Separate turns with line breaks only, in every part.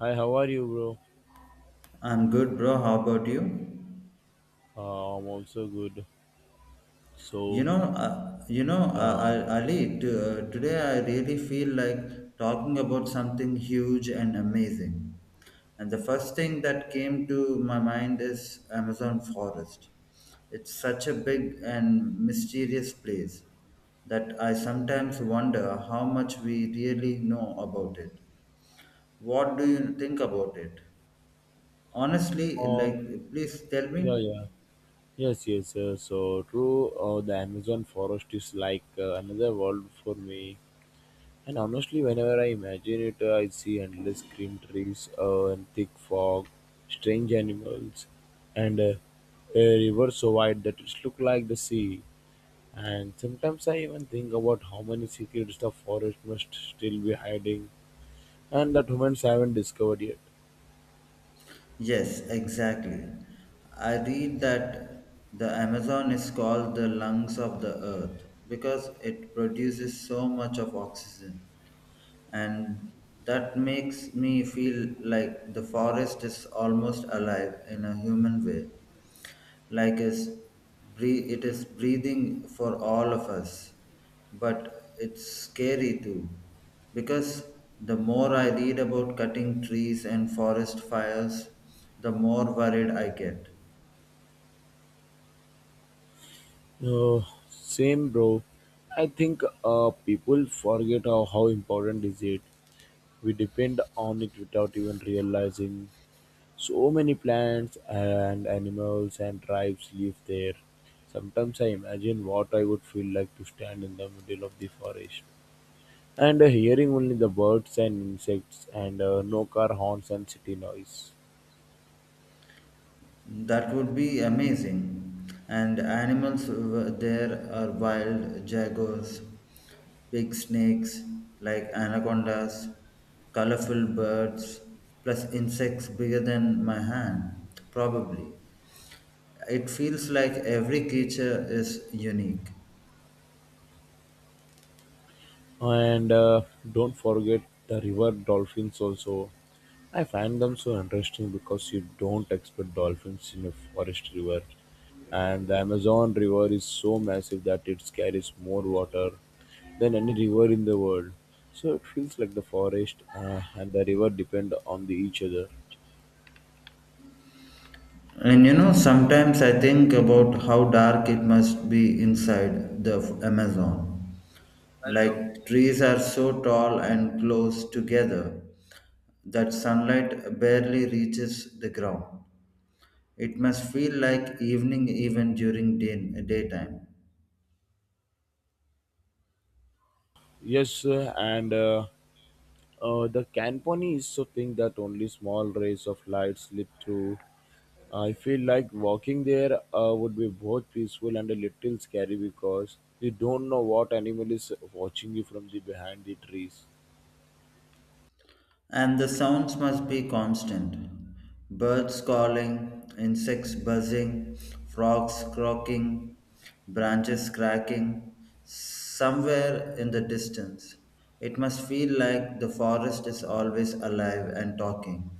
Hi, how are you, bro?
I'm good, bro. How about you?
I'm also good. So, uh,
Ali. Today I really feel like talking about something huge and amazing. And the first thing that came to my mind is Amazon forest. It's such a big and mysterious place that I sometimes wonder how much we really know about it. What do you think about it? Honestly, like,
oh,
please tell
yeah,
me.
yeah, yes, yes. So true. The Amazon forest is like another world for me. And honestly, whenever I imagine it, I see endless green trees, and thick fog, strange animals, and a river so wide that it looks like the sea. And sometimes I even think about how many secrets the forest must still be hiding, and that humans haven't discovered yet.
Yes, exactly. I read that the Amazon is called the lungs of the earth because it produces so much of oxygen. And that makes me feel like the forest is almost alive in a human way, like is breathe it is breathing for all of us, but it's scary too, because the more I read about cutting trees and forest fires, the more worried I get.
Uh, Same, bro. I think people forget how important is it. We depend on it without even realizing. So many plants and animals and tribes live there. Sometimes I imagine what I would feel like to stand in the middle of the forest and hearing only the birds and insects and no car horns and city noise.
That would be amazing. And there are wild jaguars, big snakes like anacondas, colorful birds, plus insects bigger than my hand, probably. It feels like every creature is unique.
And Don't forget the river dolphins also. I find them so interesting because you don't expect dolphins in a forest river. And the Amazon River is so massive that it carries more water than any river in the world. So it feels like the forest and the river depend on the each other.
And you know, sometimes I think about how dark it must be inside the Amazon. Like trees are so tall and close together that sunlight barely reaches the ground. It must feel like evening even during daytime.
Yes, and the Canponi is so thin that only small rays of light slip through. I feel like walking there would be both peaceful and a little scary because you don't know what animal is watching you from the behind the trees.
And the sounds must be constant: birds calling, insects buzzing, frogs croaking, branches cracking, somewhere in the distance. It must feel like the forest is always alive and talking.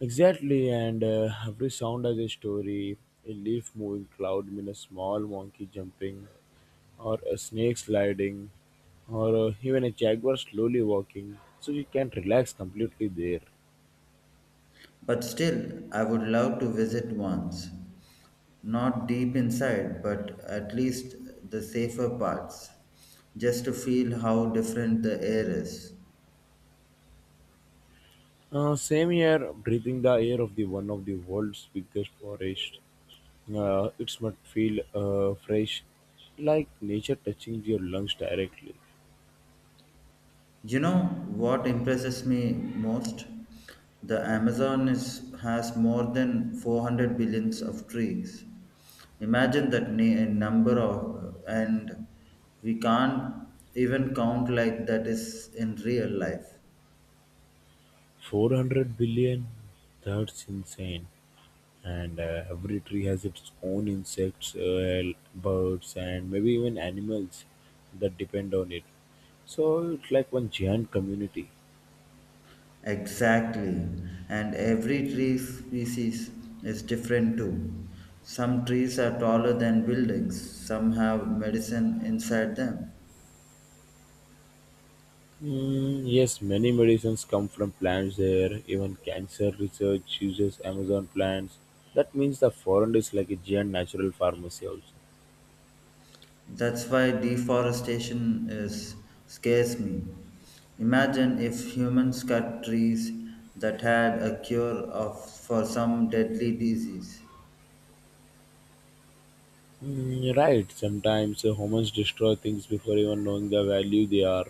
Exactly, and every sound has a story. A leaf moving cloud mean a small monkey jumping, or a snake sliding, or even a jaguar slowly walking. So you can relax completely there.
But still, I would love to visit once. Not deep inside, but at least the safer parts, just to feel how different the air is.
Same here, breathing the air of the one of the world's biggest forest. It must feel fresh, like nature touching your lungs directly.
You know what impresses me most? The Amazon is, has more than 400 billions of trees. Imagine number of, and we can't even count like that is in real life.
400 billion? That's insane. And every tree has its own insects, birds, and maybe even animals that depend on it. So it's like one giant community.
Exactly. And every tree species is different too. Some trees are taller than buildings, some have medicine inside them.
Mm, yes, many medicines come from plants there. Even cancer research uses Amazon plants. That means the forest is like a giant natural pharmacy also.
That's why deforestation is scares me. Imagine if humans cut trees that had a cure of for some deadly disease.
Mm, right, sometimes humans destroy things before even knowing the value they are.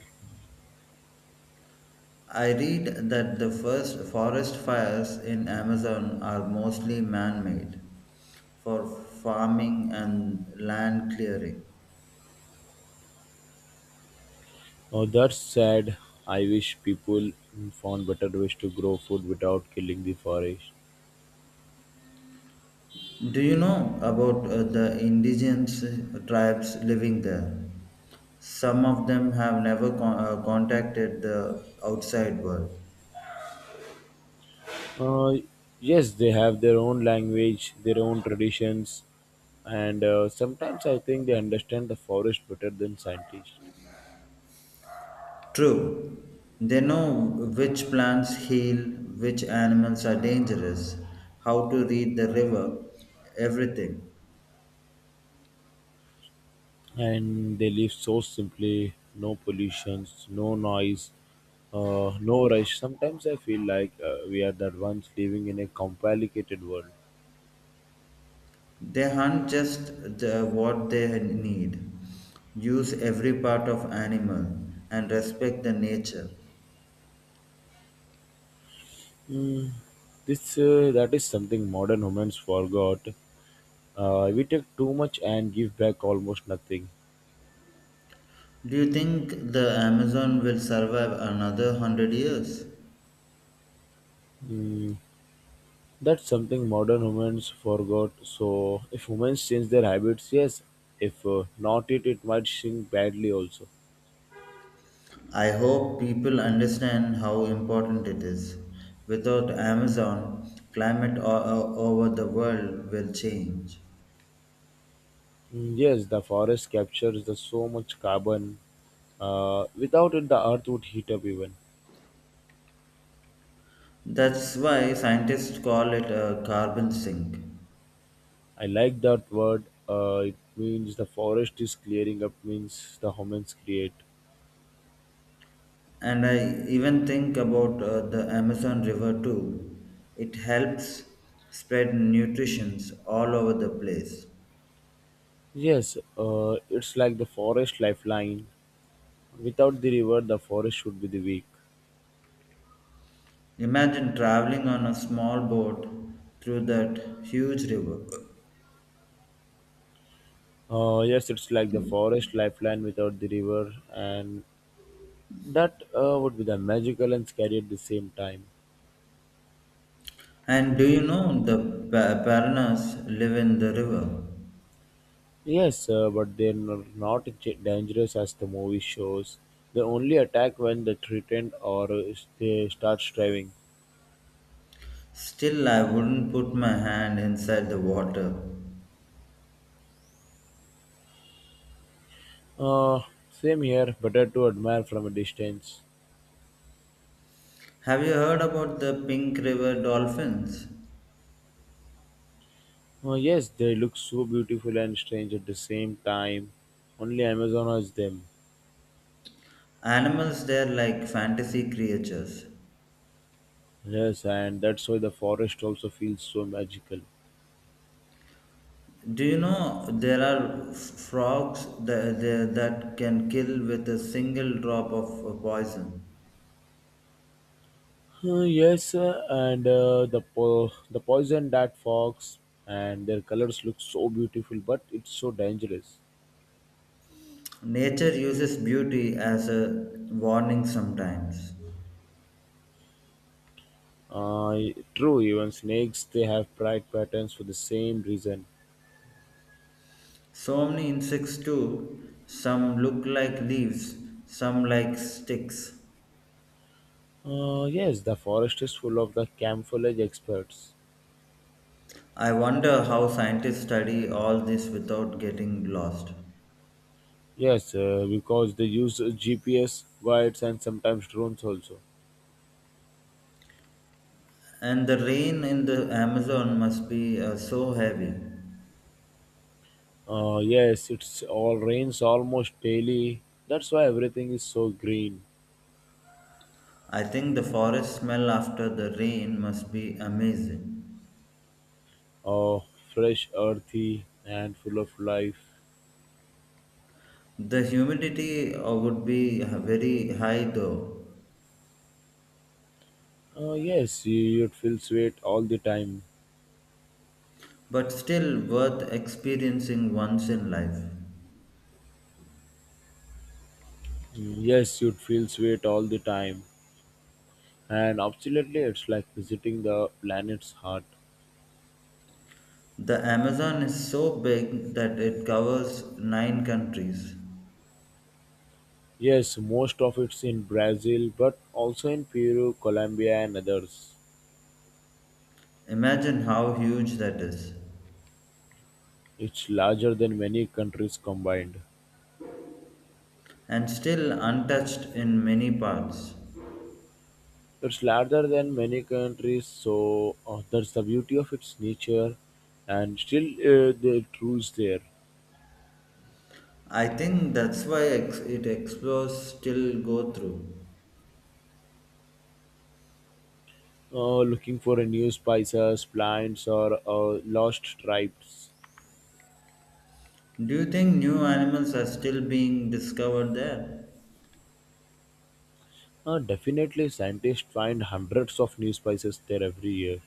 I read that the first forest fires in Amazon are mostly man-made for farming and land clearing.
Oh, that's sad. I wish people mm, found better ways to grow food without killing the forest.
Do you know about the indigenous tribes living there? Some of them have never contacted the outside world.
Uh, yes, they have their own language, their own traditions, and sometimes I think they understand the forest better than scientists.
True, they know which plants heal, which animals are dangerous, how to read the river, everything.
And they live so simply, no pollutions, no noise, no rush. Sometimes I feel like we are the ones living in a complicated world.
They hunt just the, what they need, use every part of animal, and respect the nature.
Mm, this that is something modern humans forgot. We take too much and give back almost nothing.
Do you think the Amazon will survive another 100 years?
Mm, that's something modern humans forgot. So, if humans change their habits, yes. If not, it might sink badly also.
I hope people understand how important it is. Without Amazon, climate over the world will change.
Mm, yes, the forest captures the so much carbon. Without it, the earth would heat up even.
That's why scientists call it a carbon sink.
I like that word. It means the forest is clearing up, means the humans create.
And I even think about the Amazon River too. It helps spread nutrition all over the place.
Yes, it's like the forest lifeline. Without the river, the forest should be the weak.
Imagine traveling on a small boat through that huge river.
Yes, it's like the forest lifeline without the river, and that would be the magical and scary at the same time.
And do you know the piranhas live in the river?
Yes, but they're not dangerous as the movie shows. They only attack when they threatened or they start striving.
Still, I wouldn't put my hand inside the water.
Uh, Same here, better to admire from a distance.
Have you heard about the pink river dolphins?
Yes, they look so beautiful and strange at the same time. Only Amazon has them.
Animals there like fantasy creatures.
Yes, and that's why the forest also feels so magical.
Do you know there are frogs that can kill with a single drop of poison?
The poison that fox and their colors look so beautiful, but it's so dangerous.
Nature uses beauty as a warning sometimes.
Uh, True, even snakes they have bright patterns for the same reason.
So many insects too. Some look like leaves, some like sticks.
Yes, the forest is full of the camouflage experts.
I wonder how scientists study all this without getting lost.
Yes, because they use GPS, guides, and sometimes drones also.
And the rain in the Amazon must be so heavy.
Yes, it's all rains almost daily. That's why everything is so green,
I think the forest smell after the rain must be amazing.
uh, fresh, earthy, and full of life.
The humidity would be very high though.
Yes, you'd feel sweet all the time.
But still worth experiencing once in life.
Mm, yes, you'd feel sweet all the time. And absolutely, it's like visiting the planet's heart.
The Amazon is so big that it covers nine countries.
Yes, most of it's in Brazil, but also in Peru, Colombia, and others.
Imagine how huge that is,
It's larger than many countries combined.
and still untouched in many parts.
It's larger than many countries, so that's the beauty of its nature. And still, the rules there.
I think that's why it explores still go through.
Looking for a new spices, plants, or lost tribes.
Do you think new animals are still being discovered there?
Definitely, scientists find hundreds of new spices there every year.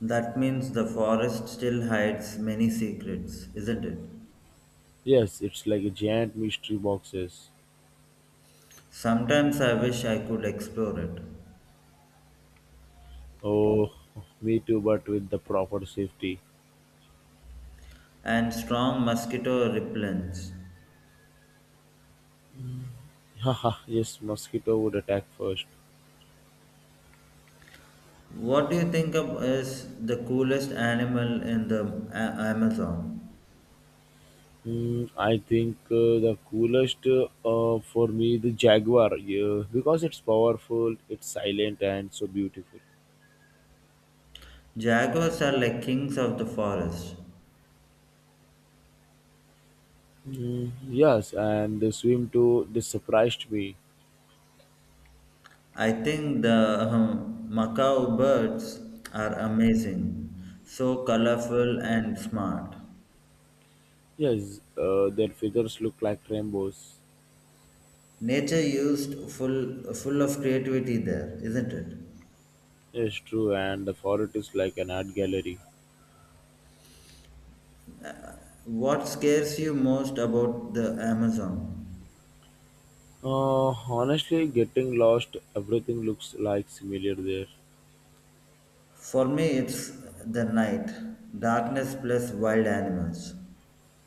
That means the forest still hides many secrets, isn't it?
Yes, it's like a giant mystery boxes.
Sometimes I wish I could explore it.
Oh, me too, but with the proper safety.
And strong mosquito repellents.
Haha, yes, mosquito would attack first.
What do you think of is the coolest animal in the Amazon?
Hmm, I think the coolest for me the jaguar, yeah, because it's powerful, it's silent, and so beautiful.
Jaguars are like kings of the forest.
Mm, yes, and the swim too. They surprised me.
I think the Macau birds are amazing, so colorful and smart.
Yes, their feathers look like rainbows.
Nature used full of creativity there, isn't it?
Yes, true, and the forest is like an art gallery.
What scares you most about the Amazon?
Honestly, getting lost, everything looks like familiar there.
For me, it's the night, darkness plus wild animals.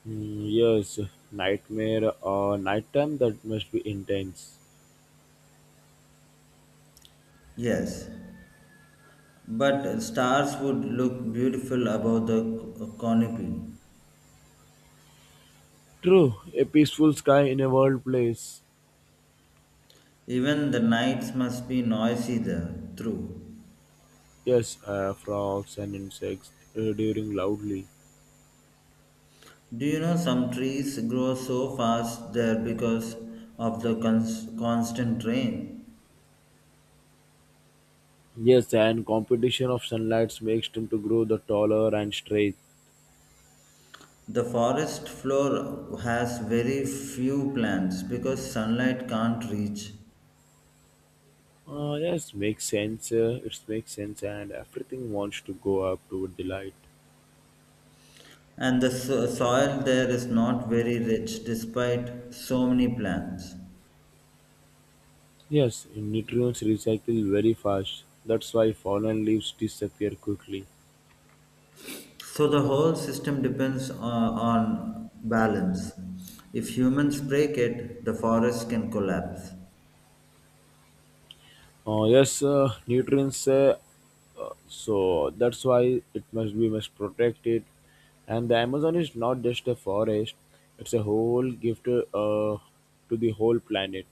Mm, yes, nighttime that must be intense.
Yes, but stars would look beautiful above the canopy.
True, a peaceful sky in a wild place.
Even the nights must be noisy there, true.
Yes, frogs and insects during loudly.
Do you know some trees grow so fast there because of the constant rain?
Yes, and competition of sunlights makes them to grow the taller and straight.
The forest floor has very few plants because sunlight can't reach.
Yes, makes sense. It makes sense, and everything wants to go up toward the light.
And the soil there is not very rich despite so many plants.
Yes, nutrients recycle very fast. That's why fallen leaves disappear quickly.
So the whole system depends on balance. If humans break it, the forest can collapse.
Yes, nutrients. So that's why it must we must protect it. And the Amazon is not just a forest; it's a whole gift to the whole planet.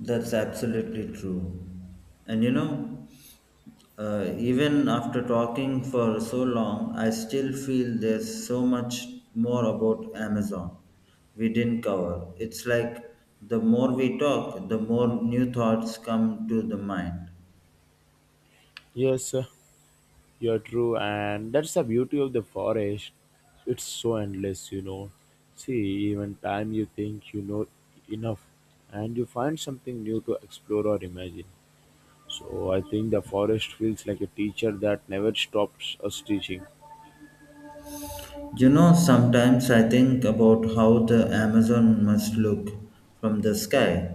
That's absolutely true. And you know, even after talking for so long, I still feel there's so much more about Amazon we didn't cover. It's like the more we talk, the more new thoughts come to the mind.
Yes, you're true, and that's the beauty of the forest. It's so endless, you know. See, even time you think you know enough, and you find something new to explore or imagine. So I think the forest feels like a teacher that never stops us teaching.
You know, sometimes I think about how the Amazon must look from the sky,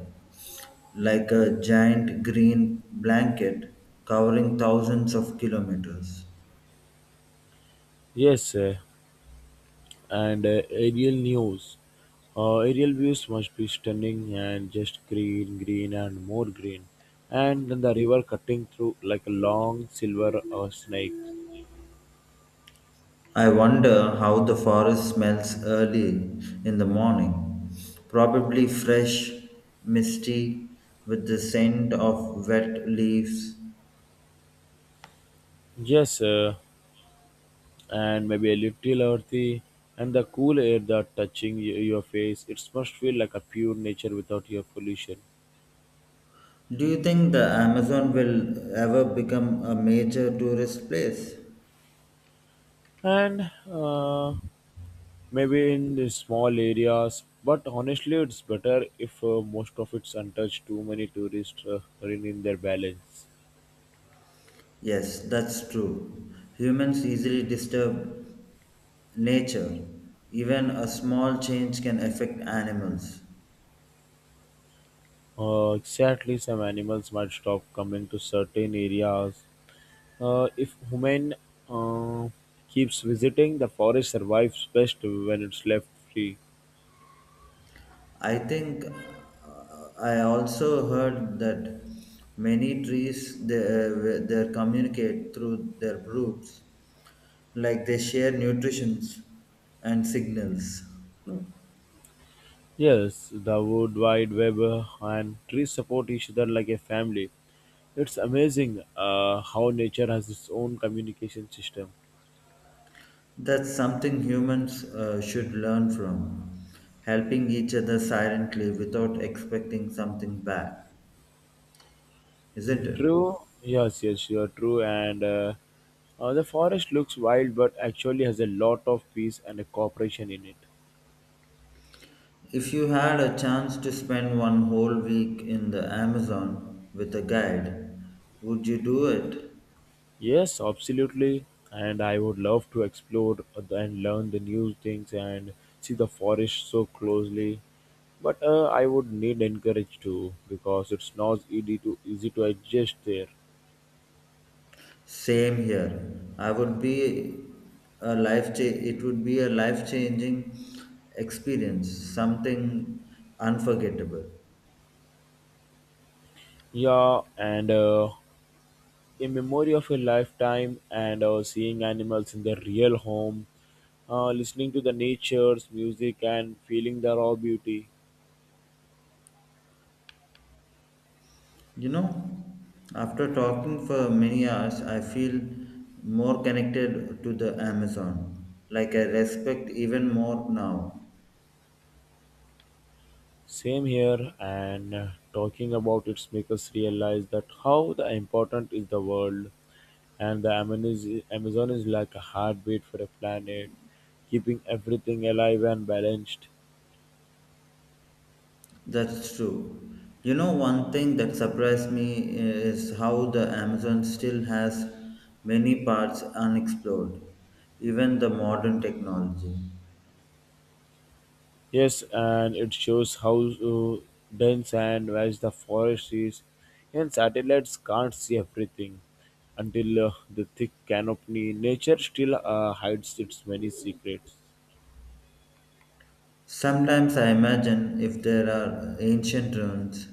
like a giant green blanket covering thousands of kilometers.
Yes, and aerial news. Aerial views must be stunning and just green, green, and more green. And then the river cutting through like a long silver snake.
I wonder how the forest smells early in the morning. Probably fresh, misty, with the scent of wet leaves.
Yes, sir. And maybe a little earthy, and the cool air that touching your face, it must feel like a pure nature without your pollution.
Do you think the Amazon will ever become a major tourist place?
And Maybe in the small areas, but honestly it's better if most of it's untouched. Too many tourists rein in their balance.
Yes, that's true. Humans easily disturb nature. Even a small change can affect animals.
Exactly, some animals might stop coming to certain areas if human uh, keeps visiting. The forest survives best when it's left free.
I think I also heard that many trees they communicate through their roots, like they share nutritions and signals.
Yes, the World Wide Web and trees support each other like a family. It's amazing how nature has its own communication system.
That's something humans should learn from, helping each other silently without expecting something back, isn't it?
True, yes, yes, you are true. And the forest looks wild, but actually has a lot of peace and a cooperation in it.
If you had a chance to spend one whole week in the Amazon with a guide, would you do it?
Yes, absolutely. And I would love to explore and learn the new things and see the forest so closely. But I would need encourage too because it's not easy to adjust there.
Same here. I would be a it would be a life-changing experience, something unforgettable.
Yeah, and a memory of a lifetime and seeing animals in their real home, listening to the nature's music and feeling the raw beauty.
You know, after talking for many hours, I feel more connected to the Amazon. Like I respect even more now.
Same here, and talking about it makes us realize that how the important is the world, and Amazon is like a heartbeat for a planet, keeping everything alive and balanced.
That's true. You know, one thing that surprised me is how the Amazon still has many parts unexplored, even the modern technology.
Yes, and it shows how dense and vast the forest is, and satellites can't see everything until the thick canopy. Nature still hides its many secrets.
Sometimes I imagine if there are ancient ruins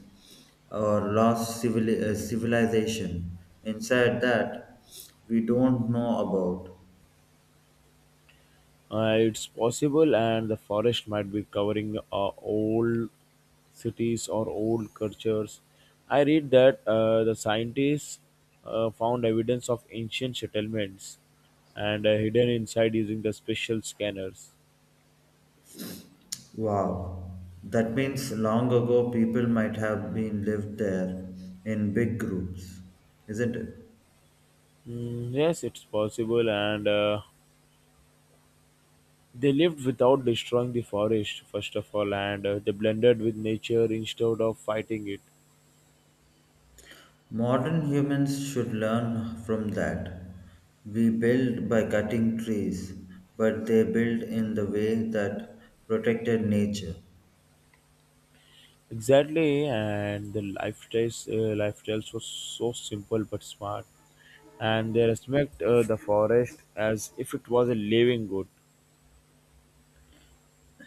or lost civilization inside that we don't know about.
It's possible, and the forest might be covering old cities or old cultures. I read that the scientists found evidence of ancient settlements and hidden inside using the special scanners.
Wow, that means long ago people might have been lived there in big groups, isn't it?
Mm, yes, it's possible, and they lived without destroying the forest, first of all, and they blended with nature instead of fighting it.
Modern humans should learn from that. We build by cutting trees, but they build in the way that protected nature.
Exactly, and the lifestyles lifestyles was so simple but smart, and they respect the forest as if it was a living good.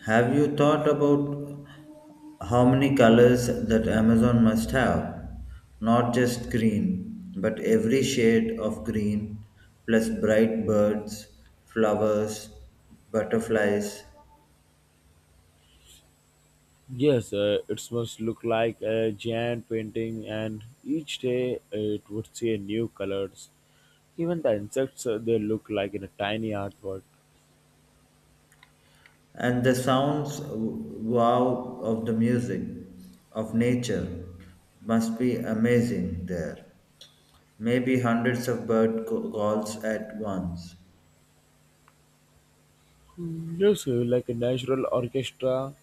Have you thought about how many colors that Amazon must have? Not just green, but every shade of green, plus bright birds, flowers, butterflies,
Yes, it must look like a giant painting, and each day it would see a new colors. Even the insects they look like in a tiny artwork.
and the sounds, wow, of the music of nature must be amazing there, maybe hundreds of bird calls at once.
Mm, yes, like a natural orchestra,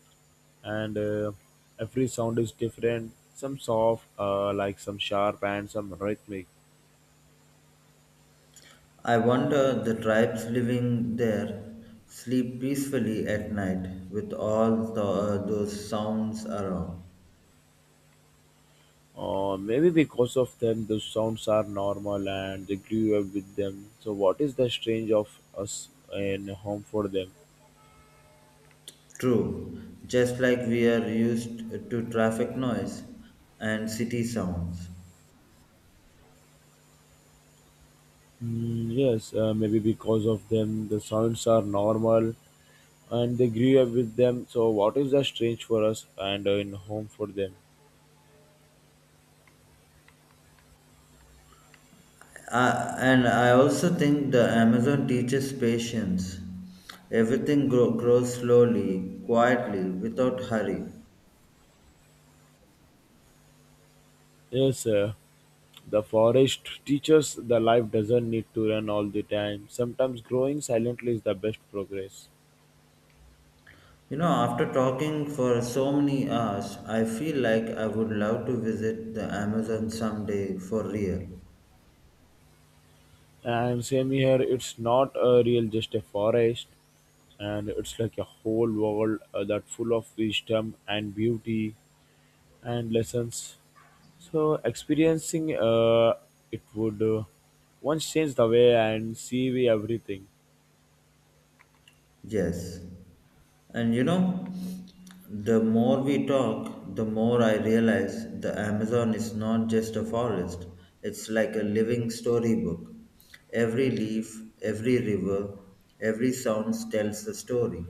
and every sound is different. Some soft, some sharp, and some rhythmic.
I wonder the tribes living there sleep peacefully at night with all the, those sounds around.
Maybe because of them, the sounds are normal and they grew up with them. So, what is the strange of us and home for them?
True, just like we are used to traffic noise and city sounds.
Mm, yes, maybe because of them, the sounds are normal and they grew up with them. So, what is the strange for us and in home for them?
And I also think the Amazon teaches patience. Everything grows slowly, quietly, without hurry.
Yes, the forest teaches the life doesn't need to run all the time. Sometimes growing silently is the best progress.
You know, after talking for so many hours, I feel like I would love to visit the Amazon someday for real.
And same here, it's not a real just a forest, and it's like a whole world that full of wisdom and beauty and lessons. So experiencing it would once change the way and see we everything.
Yes. And you know, the more we talk, the more I realize the Amazon is not just a forest, it's like a living storybook. Every leaf, every river, every sound tells a story.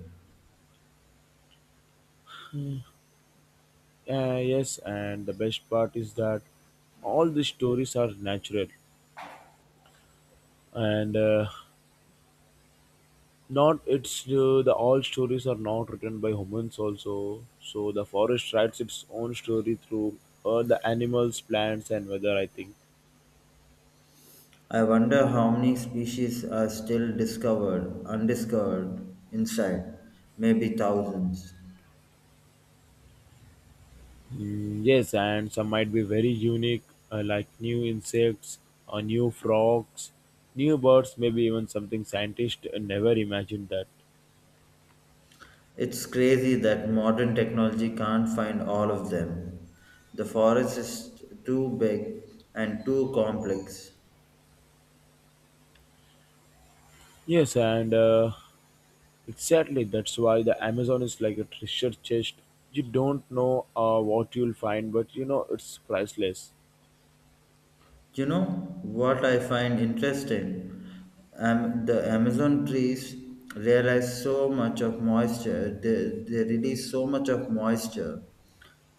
Yes, and the best part is that all the stories are natural and not it's the all stories are not written by humans also, so the forest writes its own story through the animals, plants and weather, I think.
I wonder how many species are still undiscovered inside, maybe thousands.
Yes, and some might be very unique, like new insects or new frogs, new birds, maybe even something scientists never imagined that.
It's crazy that modern technology can't find all of them. The forest is too big and too complex.
Yes, and exactly, that's why the Amazon is like a treasure chest. You don't know what you'll find, but you know it's priceless.
You know what I find interesting? The Amazon trees realize so much of moisture, they release so much of moisture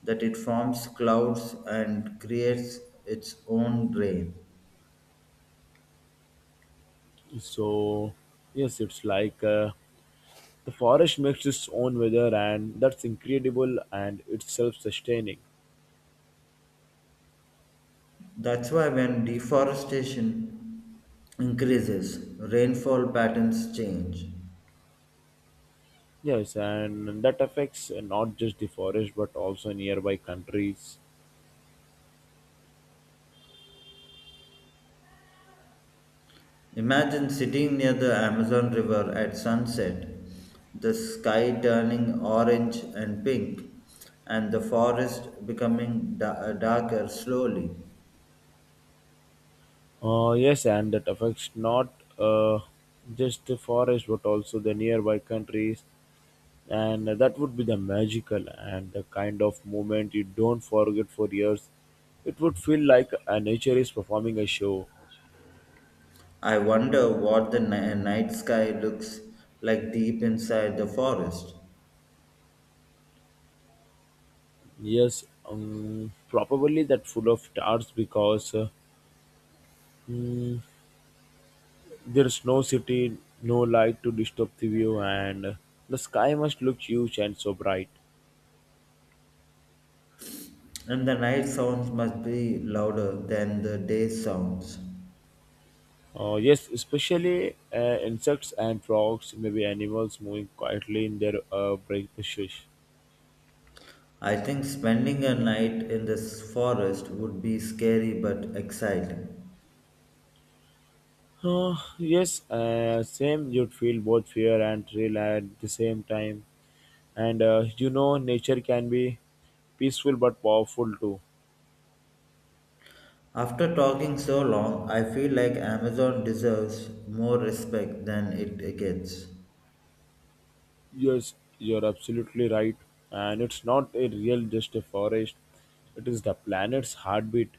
that it forms clouds and creates its own rain.
So yes, it's like the forest makes its own weather, and that's incredible, and it's self-sustaining.
That's why when deforestation increases, rainfall patterns change.
Yes, and that affects not just the forest but also nearby countries.
Imagine sitting near the Amazon River at sunset, the sky turning orange and pink, and the forest becoming darker slowly.
Yes, and that affects not uh, just the forest but also the nearby countries, and that would be the magical and the kind of moment you don't forget for years. It would feel like nature is performing a show.
I wonder what the night sky looks like deep inside the forest.
Yes, probably that full of stars because mm, there's no city, no light to disturb the view, and the sky must look huge and so bright.
And the night sounds must be louder than the day sounds.
Yes, especially insects and frogs, maybe animals moving quietly in their bright.
I think spending a night in this forest would be scary but exciting.
Yes, same. You'd feel both fear and thrill at the same time, and you know, nature can be peaceful but powerful too.
After talking so long, I feel like Amazon deserves more respect than it gets.
Yes, you're absolutely right. And it's not a real just a forest. It is the planet's heartbeat,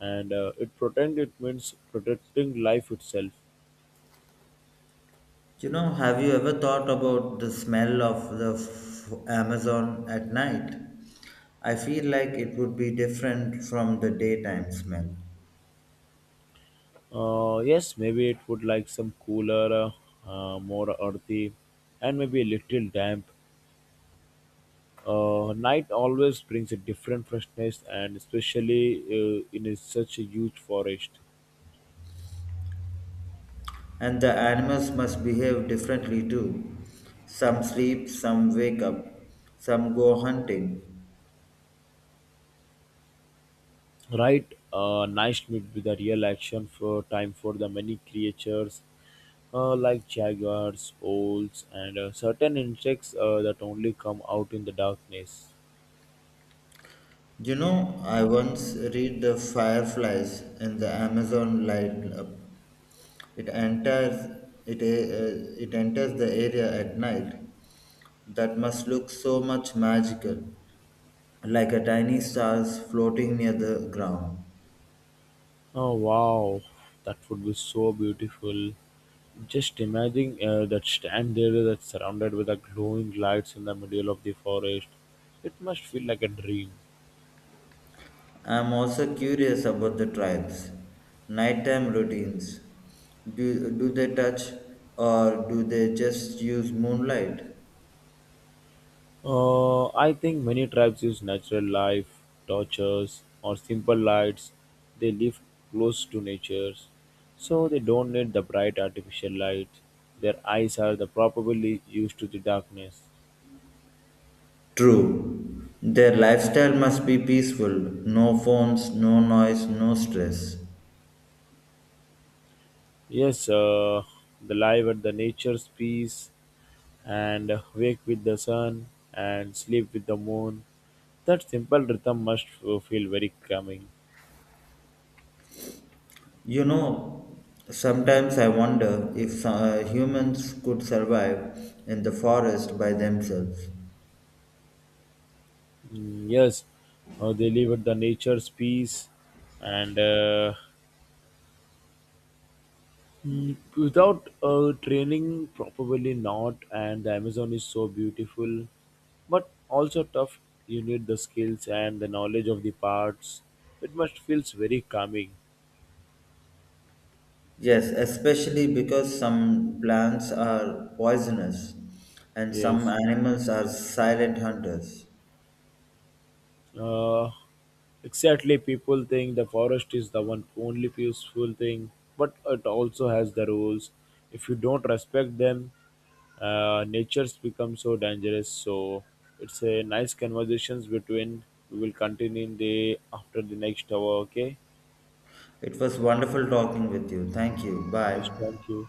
and it pretend it means protecting life itself.
You know, have you ever thought about the smell of the Amazon at night? I feel like it would be different from the daytime smell.
Yes, maybe it would like some cooler, more earthy, and maybe a little damp. Night always brings a different freshness, and especially in a, such a huge forest.
And the animals must behave differently too. Some sleep, some wake up, some go hunting.
Right, night would be the real action for time for the many creatures, like jaguars, owls, and certain insects that only come out in the darkness.
You know, I once read The Fireflies in the Amazon Light Up. It enters, it enters the area at night. That must look so much magical, like a tiny stars floating near the ground.
Oh wow, that would be so beautiful. Just imagine that stand there that's surrounded with the glowing lights in the middle of the forest. It must feel like a dream.
I am also curious about the tribes' nighttime routines. Do they touch or do they just use moonlight?
I think many tribes use natural light, torches, or simple lights. They live close to nature, so they don't need the bright artificial light. Their eyes are the properly used to the darkness.
True, their lifestyle must be peaceful, no phones, no noise, no stress.
Yes, they live at the nature's peace and wake with the sun and sleep with the moon. That simple rhythm must feel very calming.
You know, sometimes I wonder if humans could survive in the forest by themselves.
Yes, they live at the nature's peace, and without training, probably not. And the Amazon is so beautiful, but also tough. You need the skills and the knowledge of the parts. It must feels very calming.
Yes, especially because some plants are poisonous and some
Yes.
animals are silent hunters.
Uh, exactly, people think the forest is the one only peaceful thing, but it also has the rules. If you don't respect them, nature's become so dangerous. So it's a nice conversations between. We will continue in the after the next hour. Okay.
It was wonderful talking with you. Thank you.
Yes,
Bye.
thank you.